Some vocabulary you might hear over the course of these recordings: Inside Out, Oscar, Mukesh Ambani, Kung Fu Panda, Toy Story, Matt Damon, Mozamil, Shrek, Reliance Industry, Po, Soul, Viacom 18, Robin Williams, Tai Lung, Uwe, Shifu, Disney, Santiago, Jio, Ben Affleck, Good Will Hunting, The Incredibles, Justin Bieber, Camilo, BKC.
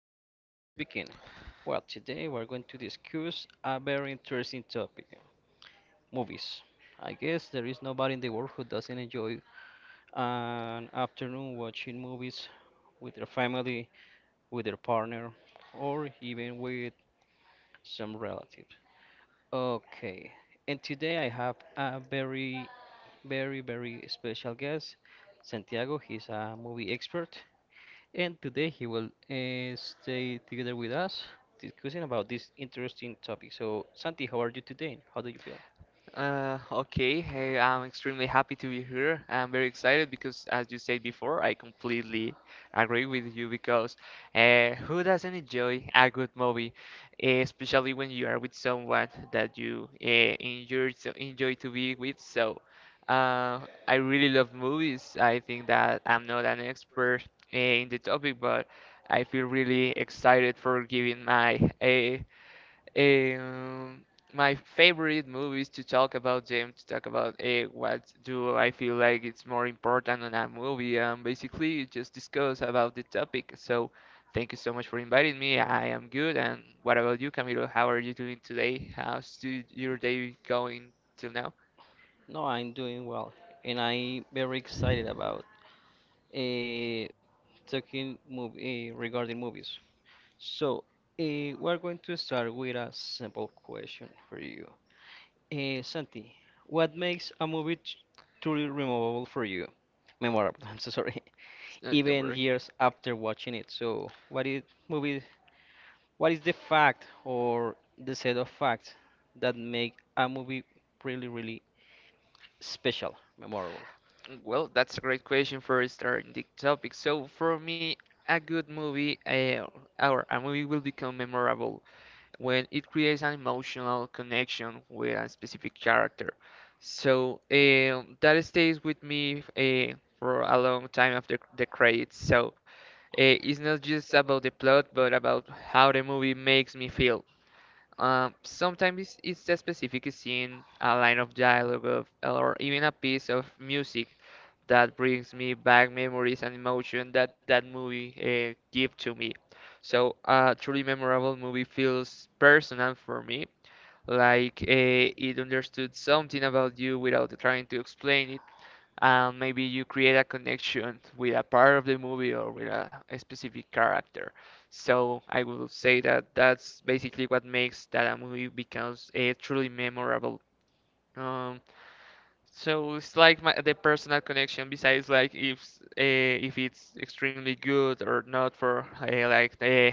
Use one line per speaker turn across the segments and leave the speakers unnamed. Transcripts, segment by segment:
This is Camilo speaking. Well, today we're going to discuss a very interesting topic, movies. I guess there is nobody in the world who doesn't enjoy an afternoon watching movies with their family, with their partner, or even with some relatives. Okay, and today I have a very, very, very special guest, Santiago. He's a movie expert. And today he will stay together with us discussing about this interesting topic. So, Santi, how are you today? How do you feel?
Okay. Hey, I'm extremely happy to be here. I'm very excited because, as you said before, I completely agree with you because who doesn't enjoy a good movie, especially when you are with someone that you enjoy so enjoy to be with. So, uh, I really love movies. I think that I'm not an expert in the topic, but I feel really excited for giving my um, my favorite movies to talk about them, to talk about what do I feel like it's more important on a movie, basically just discuss about the topic. So thank you so much for inviting me. I am good. And what about you, Camilo? How are you doing today? Your day going till now?
No, I'm doing well, and I'm very excited about uh, talking movie regarding movies. So, we're going to start with a simple question for you. Santi, what makes truly memorable for you? Memorable, I'm so sorry.
Don't
Even
worry.
years after watching it. So, What is the fact or the set of facts that make a movie really, really special, memorable?
Well, that's a great question for starting the topic. So for me, a good movie or a movie will become memorable when it creates an emotional connection with a specific character. So that stays with me for a long time after the credits. So it's not just about the plot, but about how the movie makes me feel. Sometimes it's a specific scene, a line of dialogue, of, or even a piece of music that brings me back memories and emotion that that movie give to me. So a truly memorable movie feels personal for me, like it understood something about you without trying to explain it and maybe you create a connection with a part of the movie or with a specific character. So I will say that that's basically what makes that a movie becomes a truly memorable. Um, so it's like my, the personal connection. Besides, like uh, if it's extremely good or not for like the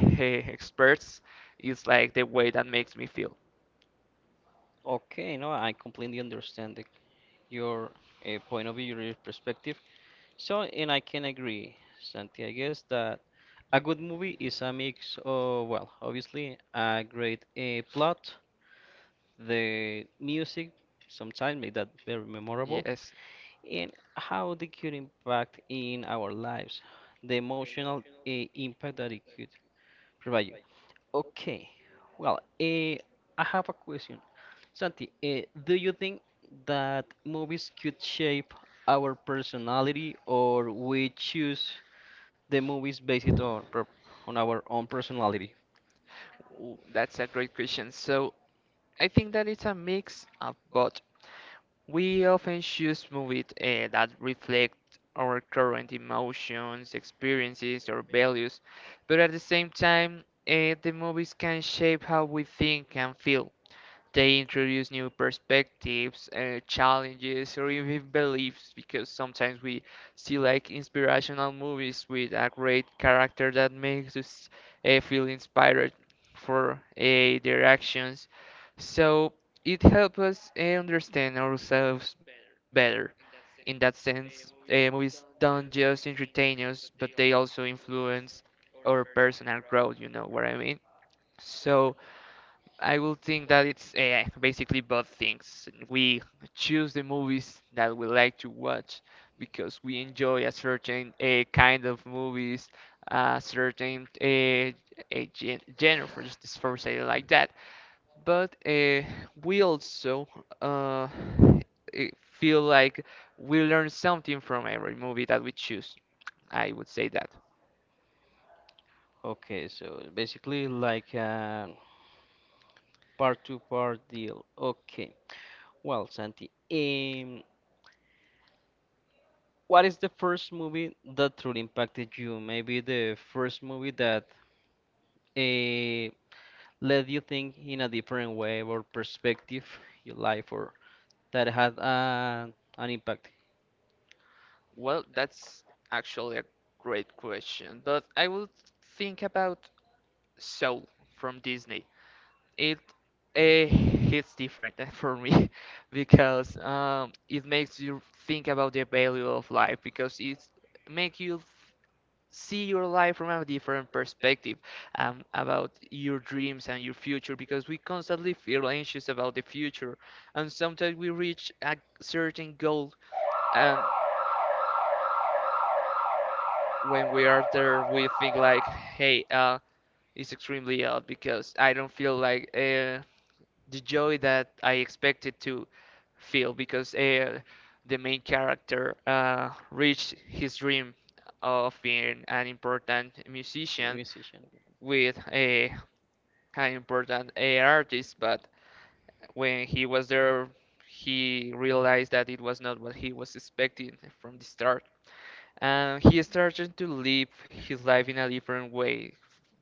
experts, it's like the way that makes me feel.
Okay, no, I completely understand your point of view, your perspective. So, and I can agree, Santi, I guess that a good movie is a mix of, well, obviously, a great plot, the music, sometimes make that very memorable,
Yes,
and how they could impact in our lives, the emotional impact that it could provide you. Okay, well, I have a question. Santi, do you think that movies could shape our personality or we choose the movies based on on our own personality?
That's a great question. So I think that it's a mix of both. We often choose movies that reflect our current emotions, experiences, or values, but at the same time, the movies can shape how we think and feel. They introduce new perspectives, challenges, or even beliefs because sometimes we see like inspirational movies with a great character that makes us feel inspired for their actions. So it helps us understand ourselves better. In that sense, movies don't just entertain us, but they also influence our personal growth, you know what I mean? So, I will think that it's basically both things. We choose the movies that we like to watch because we enjoy a certain kind of movies, a certain a genre, for just for say it like that. But we also uh, feel like we learn something from every movie that we choose. I would say that.
Okay, so it's basically like a part to part deal. Okay. Well, Santi, what is the first movie that truly impacted you? Maybe the first movie that eh, let you think in a different way or perspective your life or that had an impact.
Well, that's actually a great question, but I will think about Soul from Disney. It hits different for me because it makes you think about the value of life because it makes you f- see your life from a different perspective about your dreams and your future because we constantly feel anxious about the future and sometimes we reach a certain goal and when we are there we think like, hey, it's extremely odd because I don't feel like the joy that I expected to feel because the main character reached his dream of being an important
You a
musician
musician.
with a an important artist, but when he was there, he realized that it was not what he was expecting from the start and he started to live his life in a different way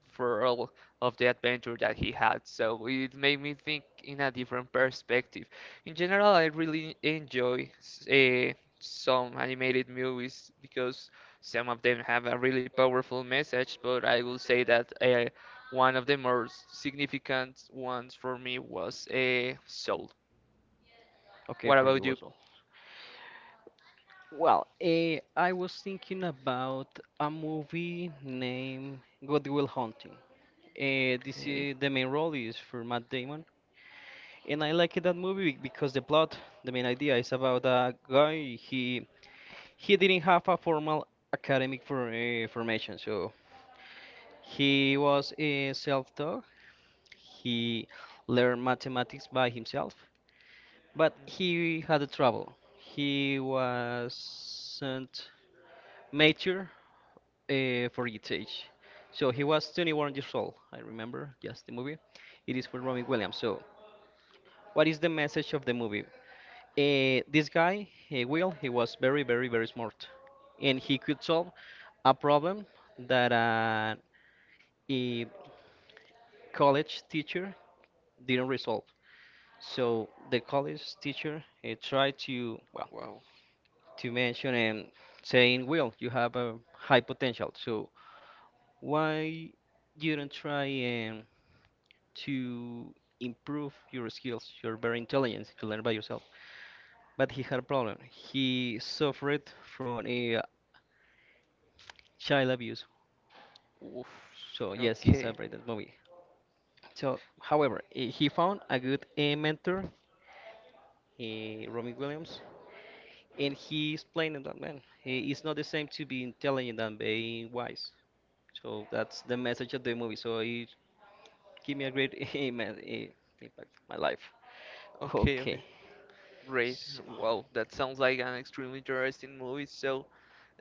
for all of the adventure that he had. So it made me think in a different perspective. In general, I really enjoy uh, some animated movies because some of them have a really powerful message, but I will say that one of the more significant ones for me was Soul.
Okay,
What
for
about
you as
you?
well. Well, I was thinking about a movie named God Will Hunting. Eh, this
Okay.
is the main role is for Matt Damon. And I liked that movie because the plot, the main idea, is about a guy, he didn't have a formal academic formation, so he was a self-taught. He learned mathematics by himself, but he had a trouble. He wasn't mature for his age, so he was 21 years old. I remember, yes, the movie. It is for Robin Williams. So, what is the message of the movie? This guy, he Will, he was very, very, very smart, and he could solve a problem that a college teacher didn't resolve. So the college teacher tried to, well,
Wow.
to mention and saying, "Will, you have a high potential, so why you don't try and to improve your skills? You're very intelligent. You learn by yourself." But he had a problem. He suffered from a child abuse.
Oof.
So yes, it's a
Okay.
brilliant movie. So, however, he found a good mentor, Robin Williams, and he explained that man, it's not the same to be intelligent than being wise. So that's the message of the movie. So it gave me a great impact on my life.
Okay,
Okay.
okay. Great.
So,
Well, that sounds like an extremely interesting movie. So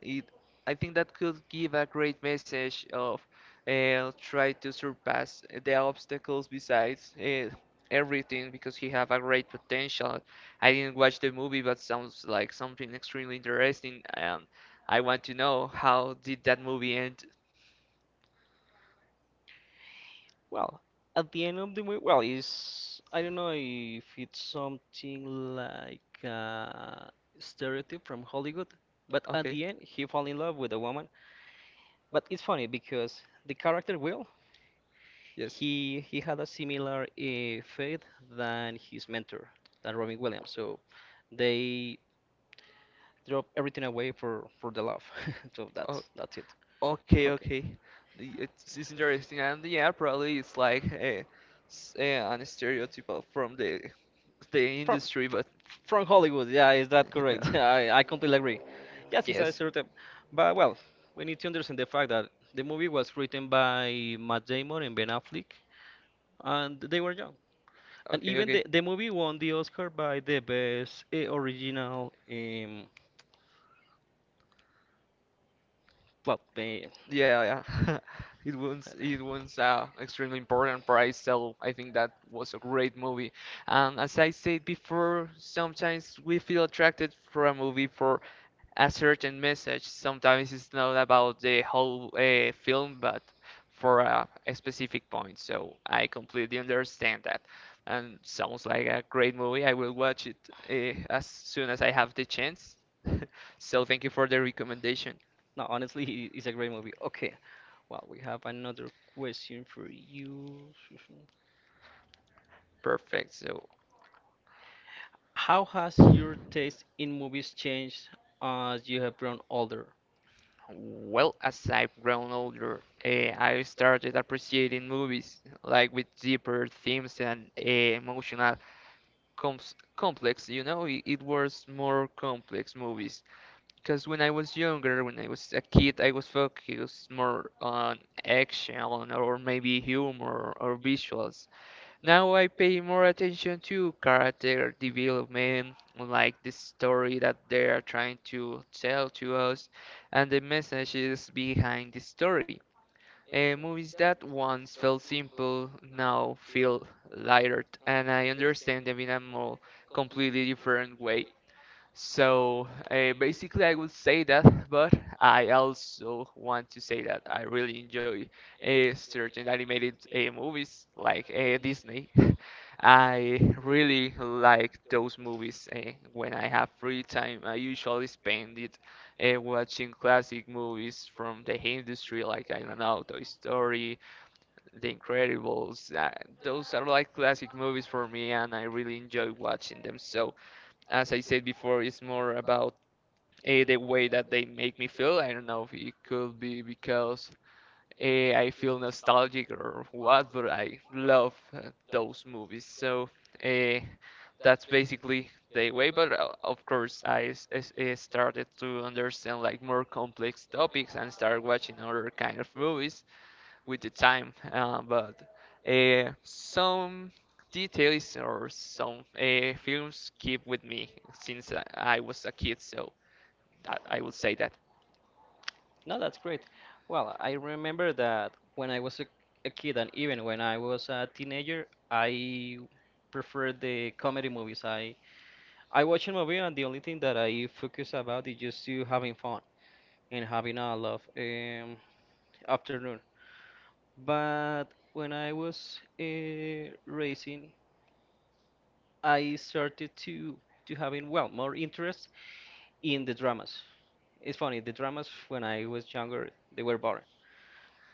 it, I think that could give a great message of try to surpass the obstacles besides everything because he have a great potential. I didn't watch the movie, but sounds like something extremely interesting, and I want to know how did that movie end?
well, at the end of the week, well, is I don't know if it's something like a stereotype from Hollywood, but at
Okay.
the end he fall in love with a woman. But it's funny because the character Will,
Yes.
he had a similar fate than his mentor, than Robin Williams. So they drop everything away for the love. So
Oh.
that's it.
Okay,
Okay.
okay. It's interesting, and yeah, probably it's like an stereotype from the
From
industry,
fr-
but
from Hollywood, yeah, is that correct?
yeah.
Yeah, I completely agree. Yes, it's a
Yes.
stereotype. But well, we need to understand the fact that the movie was written by Matt Damon and Ben Affleck, and they were young. And
Okay,
even
okay.
the movie won the Oscar by the best original plot. Eh,
Yeah, yeah. It wins. It wins an extremely important prize, so I think that was a great movie. And as I said before, sometimes we feel attracted for a movie for a certain message. Sometimes it's not about the whole film, but for a specific point. So I completely understand that. And sounds like a great movie. I will watch it as soon as I have the chance. So thank you for the recommendation.
no, honestly, it's a great movie. Okay, well, we have another question for you.
Perfect. So,
How has your taste in movies changed as you have grown older?
well, as I've grown older, I started appreciating movies like with deeper themes and emotional comps complex. You know, it was more complex movies. Because when I was younger, when I was a kid, I was focused more on action or maybe humor or visuals. Now I pay more attention to character development, like the story that they are trying to tell to us, and the messages behind the story. Movies that once felt simple now feel lighter, and I understand them in a more completely different way. So basically, I would say that, but I also want to say that I really enjoy certain animated movies like Disney. I really like those movies. When I have free time, I usually spend it watching classic movies from the industry, like I don't know, Toy Story, The Incredibles. Those are like classic movies for me, and I really enjoy watching them. So as I said before, it's more about the way that they make me feel. I don't know if it could be because I feel nostalgic or what, but I love those movies. So uh, that's basically the way. But of course, started to understand like more complex topics and started watching other kind of movies with the time, but some details or some films keep with me since I was a kid, so that, I would say that.
No, that's great. Well, I remember that when I was a kid and even when I was a teenager, I preferred the comedy movies. I watch a movie and the only thing that I focus about is just to having fun and having a love afternoon. But when I was racing, I started to having well more interest in the dramas. It's funny, the dramas when I was younger, they were boring.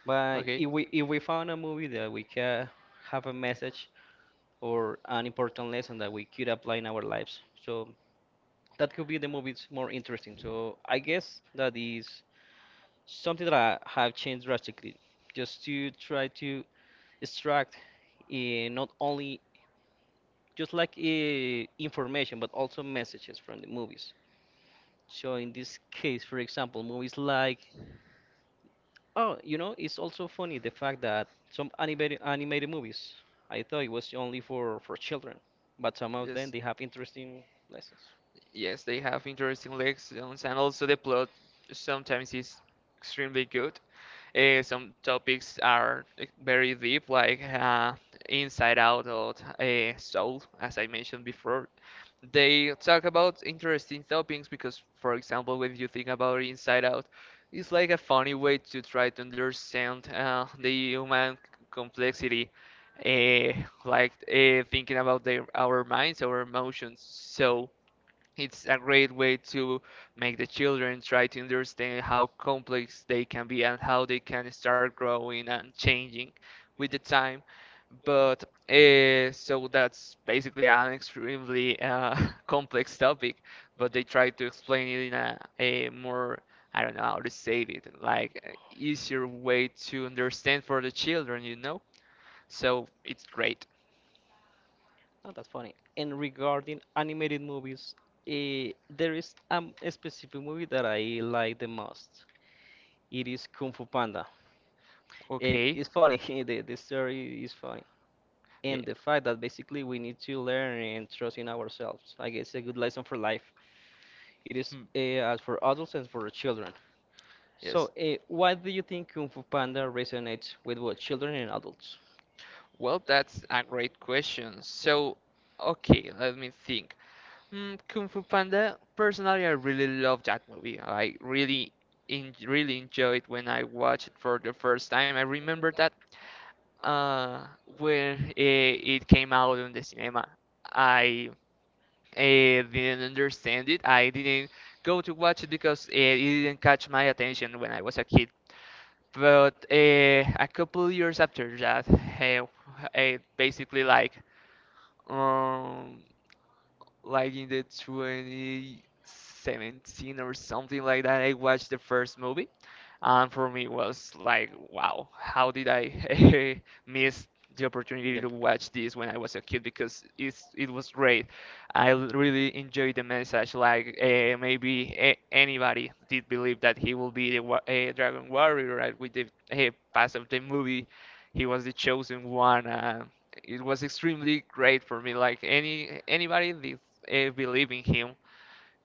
But
Okay,
if we found a movie that we can have a message or an important lesson that we could apply in our lives, so that could be the movies more interesting. So I guess that is something that I have changed drastically, just to try to extract not only just like information but also messages from the movies. So in this case, for example, movies like oh, you know, it's also funny the fact that some animated movies, I thought it was only for children, but some of them
yes,
they have interesting lessons.
yes, they have interesting lessons, and also the plot sometimes is extremely good. Some topics are like, very deep, like inside out or soul, as I mentioned before. They talk about interesting topics because, for example, when you think about inside out, it's like a funny way to try to understand the human complexity, uh, like thinking about our minds, our emotions. So it's a great way to make the children try to understand how complex they can be and how they can start growing and changing with the time. But so that's basically an extremely complex topic, but they try to explain it in a more, I don't know how to say it, like easier way to understand for the children, you know? So it's great.
Not that funny. And regarding animated movies, there is a specific movie that I like the most. It is Kung Fu Panda, and
Okay.
it's funny. The story is funny, and the fact that basically we need to learn and trust in ourselves. I guess a good lesson for life. It is
Yeah.
as for adults and for children. So,
Yes.
why do you think Kung Fu Panda resonates with both children and adults?
Well, that's a great question. So, okay, let me think. Mm, Kung Fu Panda, personally, I really love that movie. I really, en really enjoyed when I watched it for the first time. I remember that uh, when it came out on the cinema, I didn't understand it. I didn't go to watch it because it didn't catch my attention when I was a kid. But a couple years after that, I basically um like in the 2017 or something like that, I watched the first movie and for me it was like, wow, how did I miss the opportunity
The-
to watch this when I was a kid because it was great. I really enjoyed the message, like maybe anybody did believe that he will be the dragon warrior, right? With the pass of the movie he was the chosen one. It was extremely great for me, like anybody did believe in him.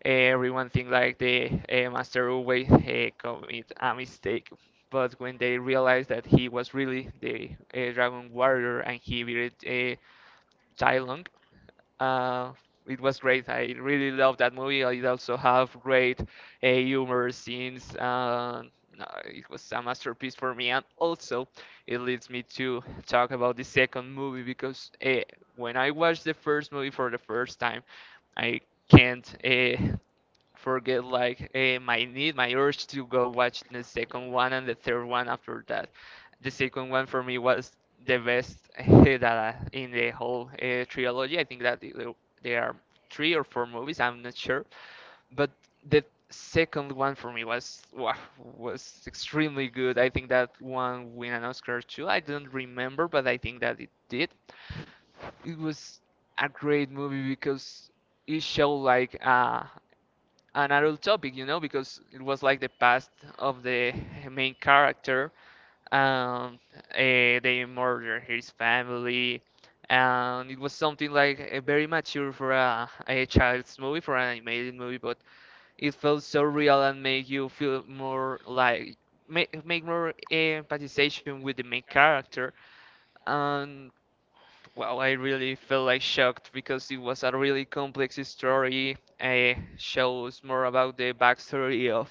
Everyone think like the master always commit a mistake, but when they realized that he was really the dragon warrior and he beat Tai Lung, uh, it was great. I really loved that movie. It also have great humor scenes. No, it was a masterpiece for me, and also it leads me to talk about the second movie because when I watched the first movie for the first time, I can't forget like my need, my urge to go watch the second one and the third one after that. The second one for me was the best that I, in the whole trilogy. I think that there are three or four movies. I'm not sure, but the second one for me was wow, was extremely good. I think that one win an Oscar too. I don't remember, but I think that it did. It was a great movie because it showed like an adult topic, you know, because it was like the past of the main character. Um, they murder his family, and it was something like very mature for a child's movie, for an animated movie, but it felt so real and made you feel more like make more empathization with the main character and well, I really felt like shocked because it was a really complex story. It shows more about the backstory of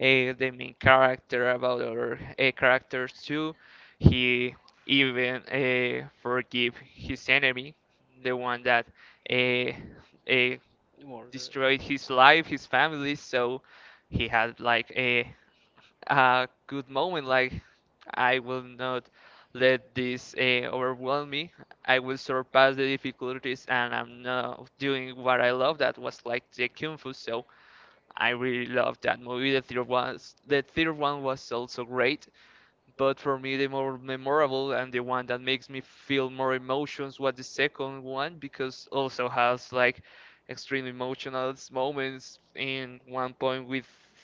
the main character, about other characters too. He even forgive his enemy, the one that uh, uh,
Yeah. Murder.
destroyed his life, his family. So he had like a good moment. Like, I will not let this overwhelm me. I will surpass the difficulties, and I'm now doing what I love. That was like the kung fu. So I really loved that movie. The third one was also great. But for me, the more memorable and the one that makes me feel more emotions was the second one because also has like extreme emotional moments. In one point, we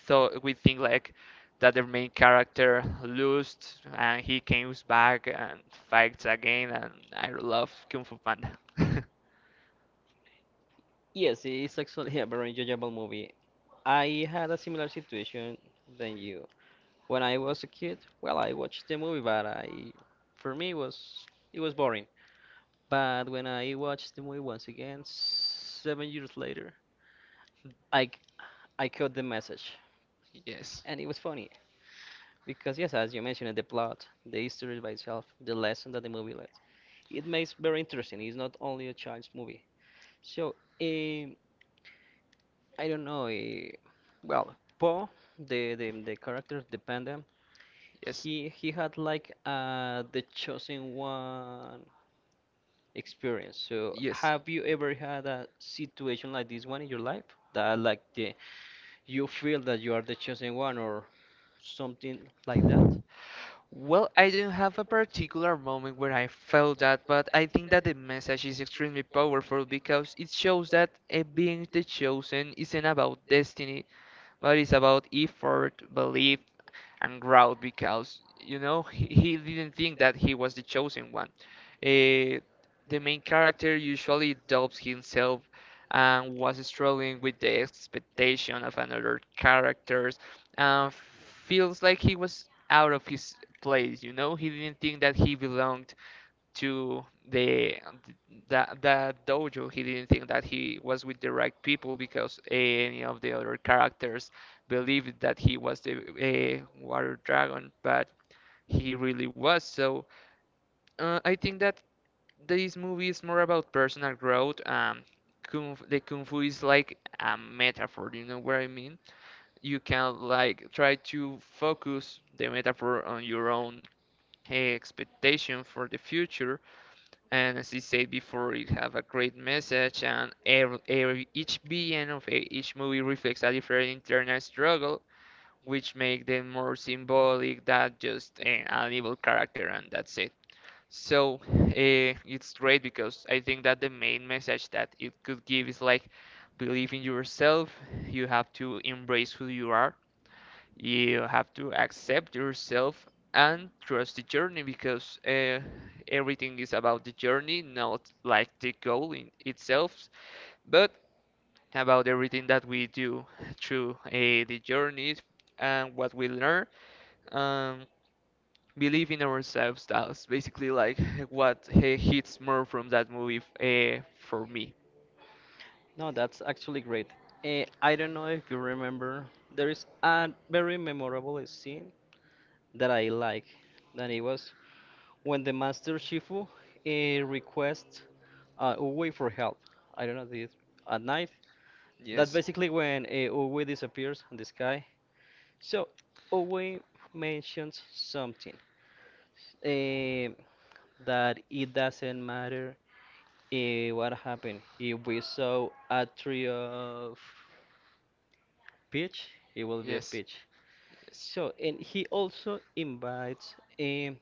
thought we think like that the main character lost and he comes back and fights again. And I love Kung Fu Panda.
Yes, it's actually a very enjoyable movie. I had a similar situation than you. When I was a kid, well, I watched the movie, but for me, it was boring. But when I watched the movie once again, 7 years later, I c- I caught the message.
Yes,
And it was funny because yes, as you mentioned, the plot, the history by itself, the lesson that the movie leaves, it makes very interesting. It's not only a child's movie. So um, I don't know. Well, Poe, the character the panda,
yes,
he had like the chosen one experience. So
yes.
have you ever had a situation like this one in your life that like the you feel that you are the chosen one or something like that?
Well, I don't have a particular moment where I felt that, but I think that the message is extremely powerful because it shows that being the chosen isn't about destiny, but it's about effort, belief, and growled because you know he didn't think that he was the chosen one. Eh, the main character usually doubts himself and was struggling with the expectation of another characters and feels like he was out of his place, you know? He didn't think that he belonged to the that dojo. He didn't think that he was with the right people because any of the other characters believed that he was the water dragon but he really was. So I think that this movie is more about personal growth. The kung fu is like a metaphor, you know what I mean? You can like try to focus the metaphor on your own expectation for the future, and as I said before, it have a great message, and every each being of each movie reflects a different internal struggle, which make them more symbolic than just an evil character, and that's it. So it's great because I think that the main message that it could give is like believe in yourself. You have to embrace who you are, you have to accept yourself, and trust the journey because everything is about the journey, not like the goal in itself, but about everything that we do through the journeys and what we learn. Um, Believe in ourselves. That's basically like what hits more from that movie for me.
No, that's actually great. Eh, I don't know if you remember, there is a very memorable scene that I like. That it was when the Master Shifu requests Uwe for help. I don't know, this at night. That's
Yes.
basically when Uwe disappears in the sky. So Uwe mentions something eh, that it doesn't matter what happened. If we saw a tree of pitch, it will be a pitch. So, and he also invites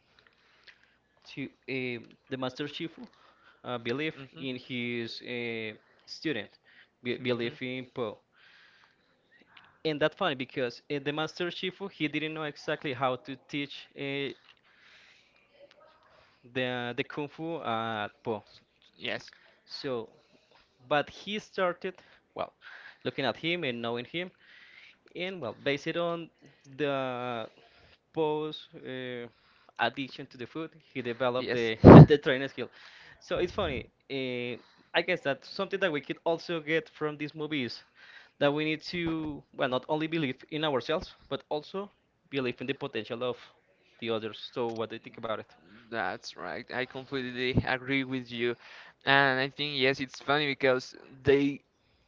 to the Master Shifu, believe in his student, believe in Po. And that's funny because the Master Shifu, he didn't know exactly how to teach the Kung Fu at Po. So, but he started, well, looking at him and knowing him, and well, based on the post addiction to the food, he developed the the training skill. So it's funny. Uh, I guess that's something that we could also get from these movies that we need to well not only believe in ourselves but also believe in the potential of the others. So what do you think about it?
That's right. I completely agree with you. And I think yes, it's funny because they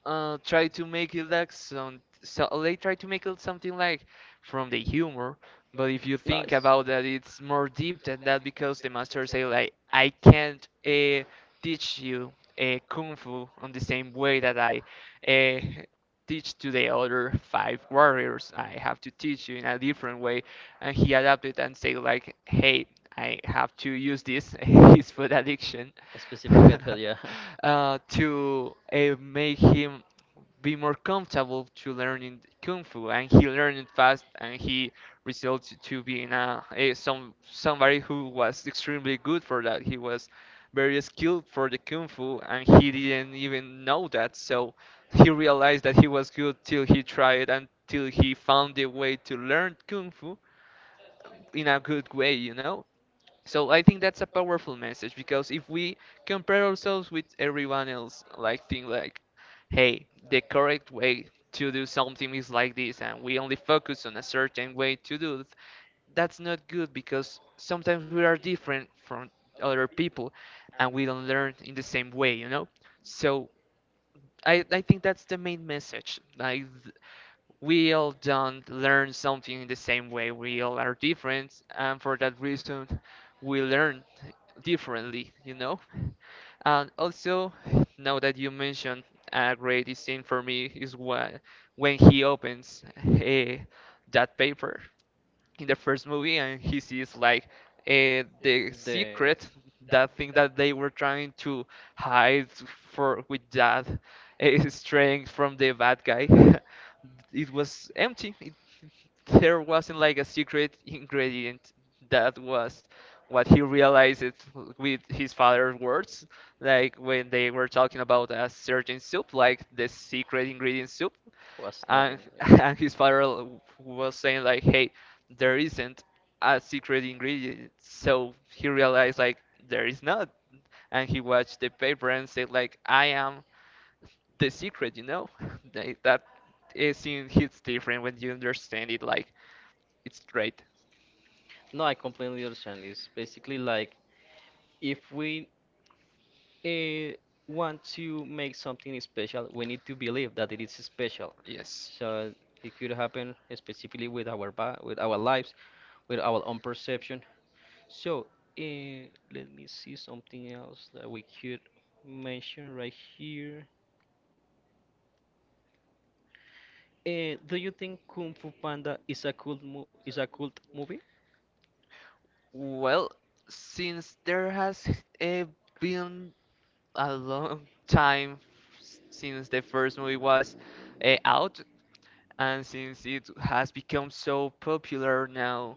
try to make it like some, so they try to make it something like from the humor, but if you think
Nice.
about that, it's more deep than that because the master say like I can't teach you kung fu on the same way that I uh, teach to the other five warriors. I have to teach you in a different way, and he adapted and say like, "Hey, I have to use this his food addiction
A specific method, yeah.
to make him be more comfortable to learning kung fu." And he learned it fast, and he resulted to being a somebody who was extremely good for that. He was very skilled for the kung fu, and he didn't even know that. So he realized that he was good till he tried and till he found a way to learn kung fu in a good way, you know? So I think that's a powerful message because if we compare ourselves with everyone else, like think like, hey, the correct way to do something is like this, and we only focus on a certain way to do it, that's not good because sometimes we are different from other people and we don't learn in the same way, you know? So I think that's the main message. Like we all don't learn something in the same way. We all are different, and for that reason, we learn differently, you know? And also, now that you mentioned a great scene for me is what, when he opens eh, that paper in the first movie and he sees like the
The
secret, that thing that they were trying to hide for with that strength from the bad guy. It was empty, there wasn't like a secret ingredient. That was what he realized it with his father's words, like when they were talking about a certain soup like the secret ingredient soup,
was
and
nothing, yeah.
and his father was saying like hey there isn't a secret ingredient, so he realized like there is not, and he watched the paper and said like I am the secret, you know. Like, that is in hits different when you understand it. Like, it's great.
No, I completely understand. It's basically like if we uh, want to make something special, we need to believe that it is special.
Yes.
So it could happen specifically with our ba with our lives, with our own perception. So let me see something else that we could mention right here. Do you think Kung Fu Panda is a cool mo is a cult movie?
Well, since there has uh, been a long time since the first movie was out, and since it has become so popular now,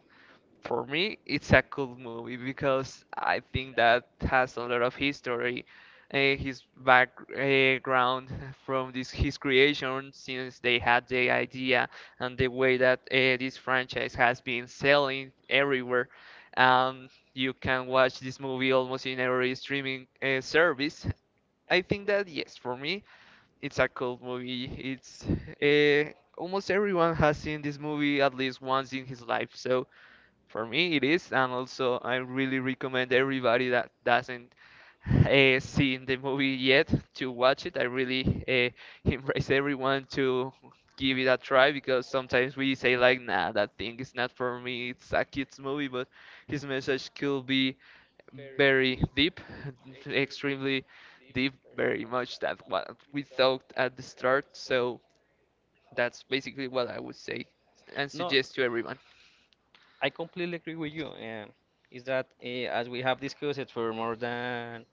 for me, it's a cool movie because I think that has a lot of history. His background from this his creation since they had the idea, and the way that this franchise has been selling everywhere. Um, you can watch this movie almost in every streaming service. I think that yes, for me, it's a cult movie. It's almost everyone has seen this movie at least once in his life. So for me, it is, and also I really recommend everybody that doesn't seen the movie yet to watch it. I really embrace everyone to give it a try because sometimes we say like, nah, that thing is not for me. It's a kids movie, but his message could be very deep, extremely deep, very much that what we thought at the start. So that's basically what I would say and
No.
suggest to everyone.
I completely agree with you. Is that as we have discussed it for more than,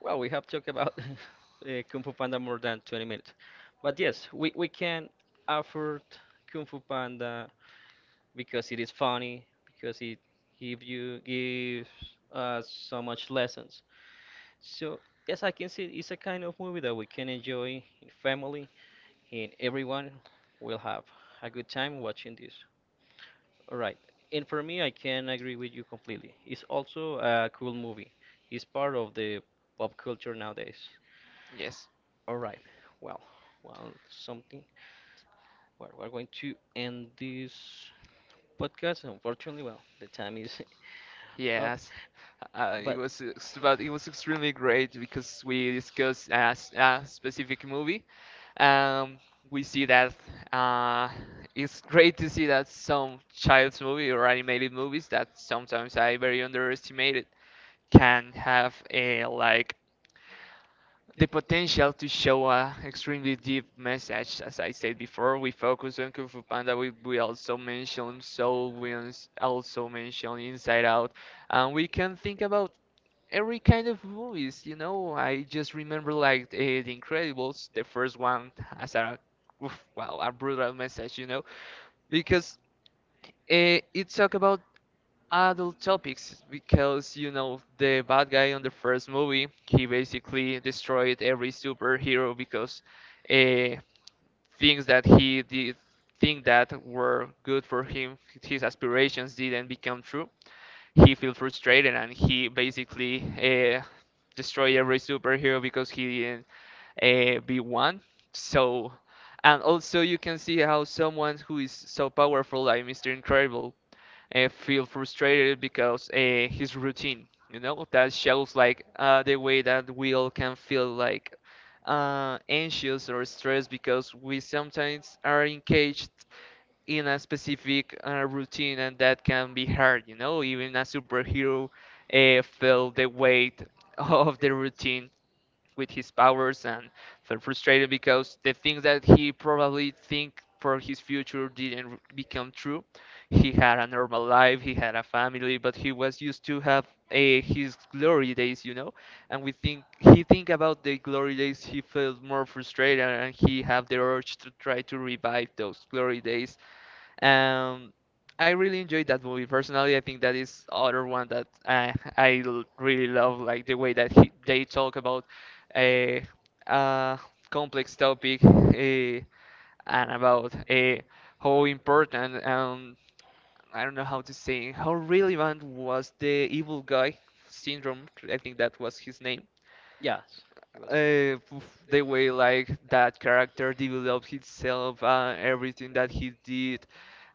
well, we have talked about Kung Fu Panda more than 20 minutes. But yes, we can afford Kung Fu Panda because it is funny, because it gives us so much lessons. So yes, I can see it's a kind of movie that we can enjoy in family, and everyone will have a good time watching this. All right. And for me, I can agree with you completely. It's also a cool movie. It's part of the pop culture nowadays.
Yes.
All right. Well, well, something. Well, we're going to end this podcast. Unfortunately, well, the time is up.
Yes, it
But
was but it was extremely great because we discussed a specific movie. Um, we see that uh, it's great to see that some child's movie or animated movies that sometimes I very underestimated can have a like the potential to show a extremely deep message. As I said before, we focus on Kung Fu Panda. We also mention Soul. We also mention Inside Out, and we can think about every kind of movies. You know, I just remember like The Incredibles, the first one, as a oof, wow, a brutal message. You know, because it talk about adult topics because you know the bad guy on the first movie he basically destroyed every superhero because uh, things that he did think that were good for him, his aspirations didn't become true, he feel frustrated, and he basically uh, destroy every superhero because he didn't be one. So, and also you can see how someone who is so powerful like Mr. Incredible feel frustrated because his routine, you know, that shows like the way that we all can feel like anxious or stressed because we sometimes are engaged in a specific routine, and that can be hard, you know, even a superhero feel the weight of the routine with his powers, and felt frustrated because the things that he probably think for his future didn't become true. He had a normal life, he had a family, but he was used to have his glory days, you know. And we think about the glory days, he felt more frustrated, and he have the urge to try to revive those glory days. um, I really enjoyed that movie personally. I think that is other one that I really love, like the way that they talk about eh, a complex topic and about how important I don't know how to say how relevant was the evil guy syndrome. I think that was his name.
yes, it was an. App.
The way like that character developed himself, everything that he did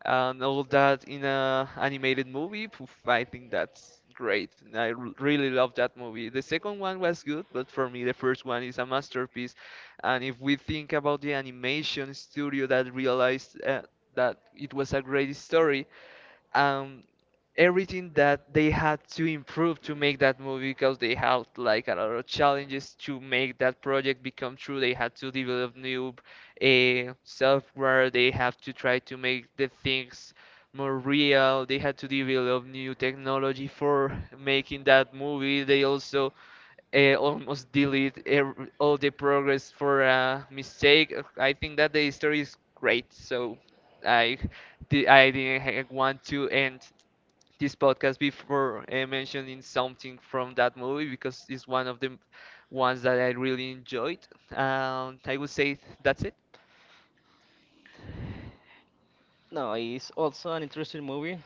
and all that in a animated movie. Poof, I think that's great. And I really love that movie. The second one was good, but for me, the first one is a masterpiece. And if we think about the animation studio that realized that it was a great story, um, everything that they had to improve to make that movie because they had like a lot of challenges to make that project become true. They had to develop new software. They have to try to make the things more real. They had to develop new technology for making that movie. They also almost delete ev all the progress for a mistake. I think that the story is great. So I, I didn't want to end this podcast before mentioning something from that movie because it's one of the ones that I really enjoyed. I would say that's it.
No, it's also an interesting movie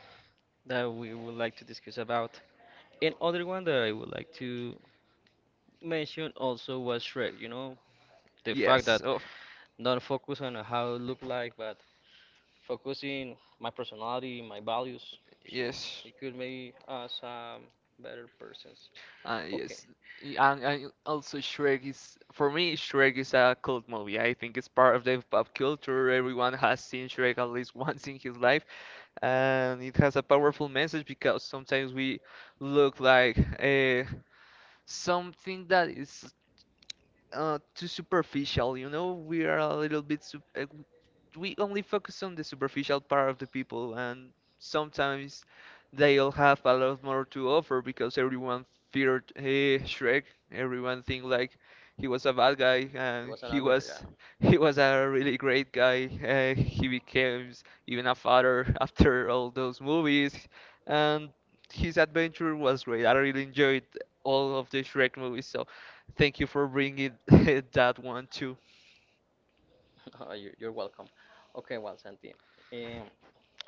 that we would like to discuss about. And other one that I would like to mentioned also was Shrek, you know, the fact
Yes.
that
Oh,
don't focus on how it look like, but focusing my personality, my values, so
yes.
it could make us better persons. Okay,
Yes. And also Shrek is for me Shrek is a cult movie. I think it's part of the pop culture. Everyone has seen Shrek at least once in his life, and it has a powerful message because sometimes we look like something that is too superficial. You know, we are a little bit we only focus on the superficial part of the people, and sometimes they'll have a lot more to offer because everyone feared hey, Shrek. Everyone think like he was a bad guy,
he
and
was an
he
another, yeah,
was he was a really great guy. He became even a father after all those movies, and his adventure was great. I really enjoyed all of the Shrek movies. So thank you for bringing that one too.
You're welcome. Okay, well, Santi, um,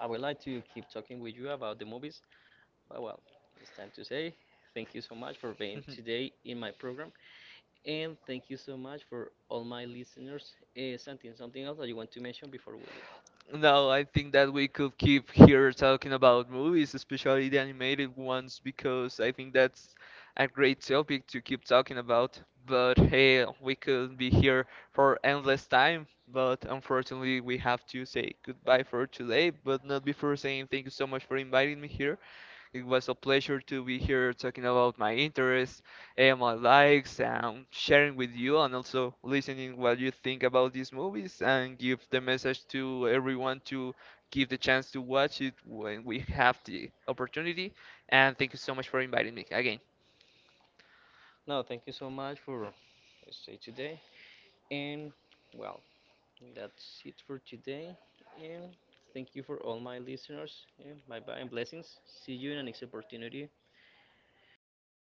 I would like to keep talking with you about the movies, but well, it's time to say thank you so much for being today in my program. And thank you so much for all my listeners. Something else that you want to mention before we leave?
No, I think that we could keep here talking about movies, especially the animated ones, because I think that's a great topic to keep talking about. But hey, we could be here for endless time, but unfortunately, we have to say goodbye for today. But not before saying thank you so much for inviting me here. It was a pleasure to be here talking about my interests and my likes and sharing with you and also listening what you think about these movies and give the message to everyone to give the chance to watch it when we have the opportunity. And thank you so much for inviting me again.
No, thank you so much for stay today. And well, that's it for today. And thank you for all my listeners. And bye bye and blessings. See you in the next opportunity.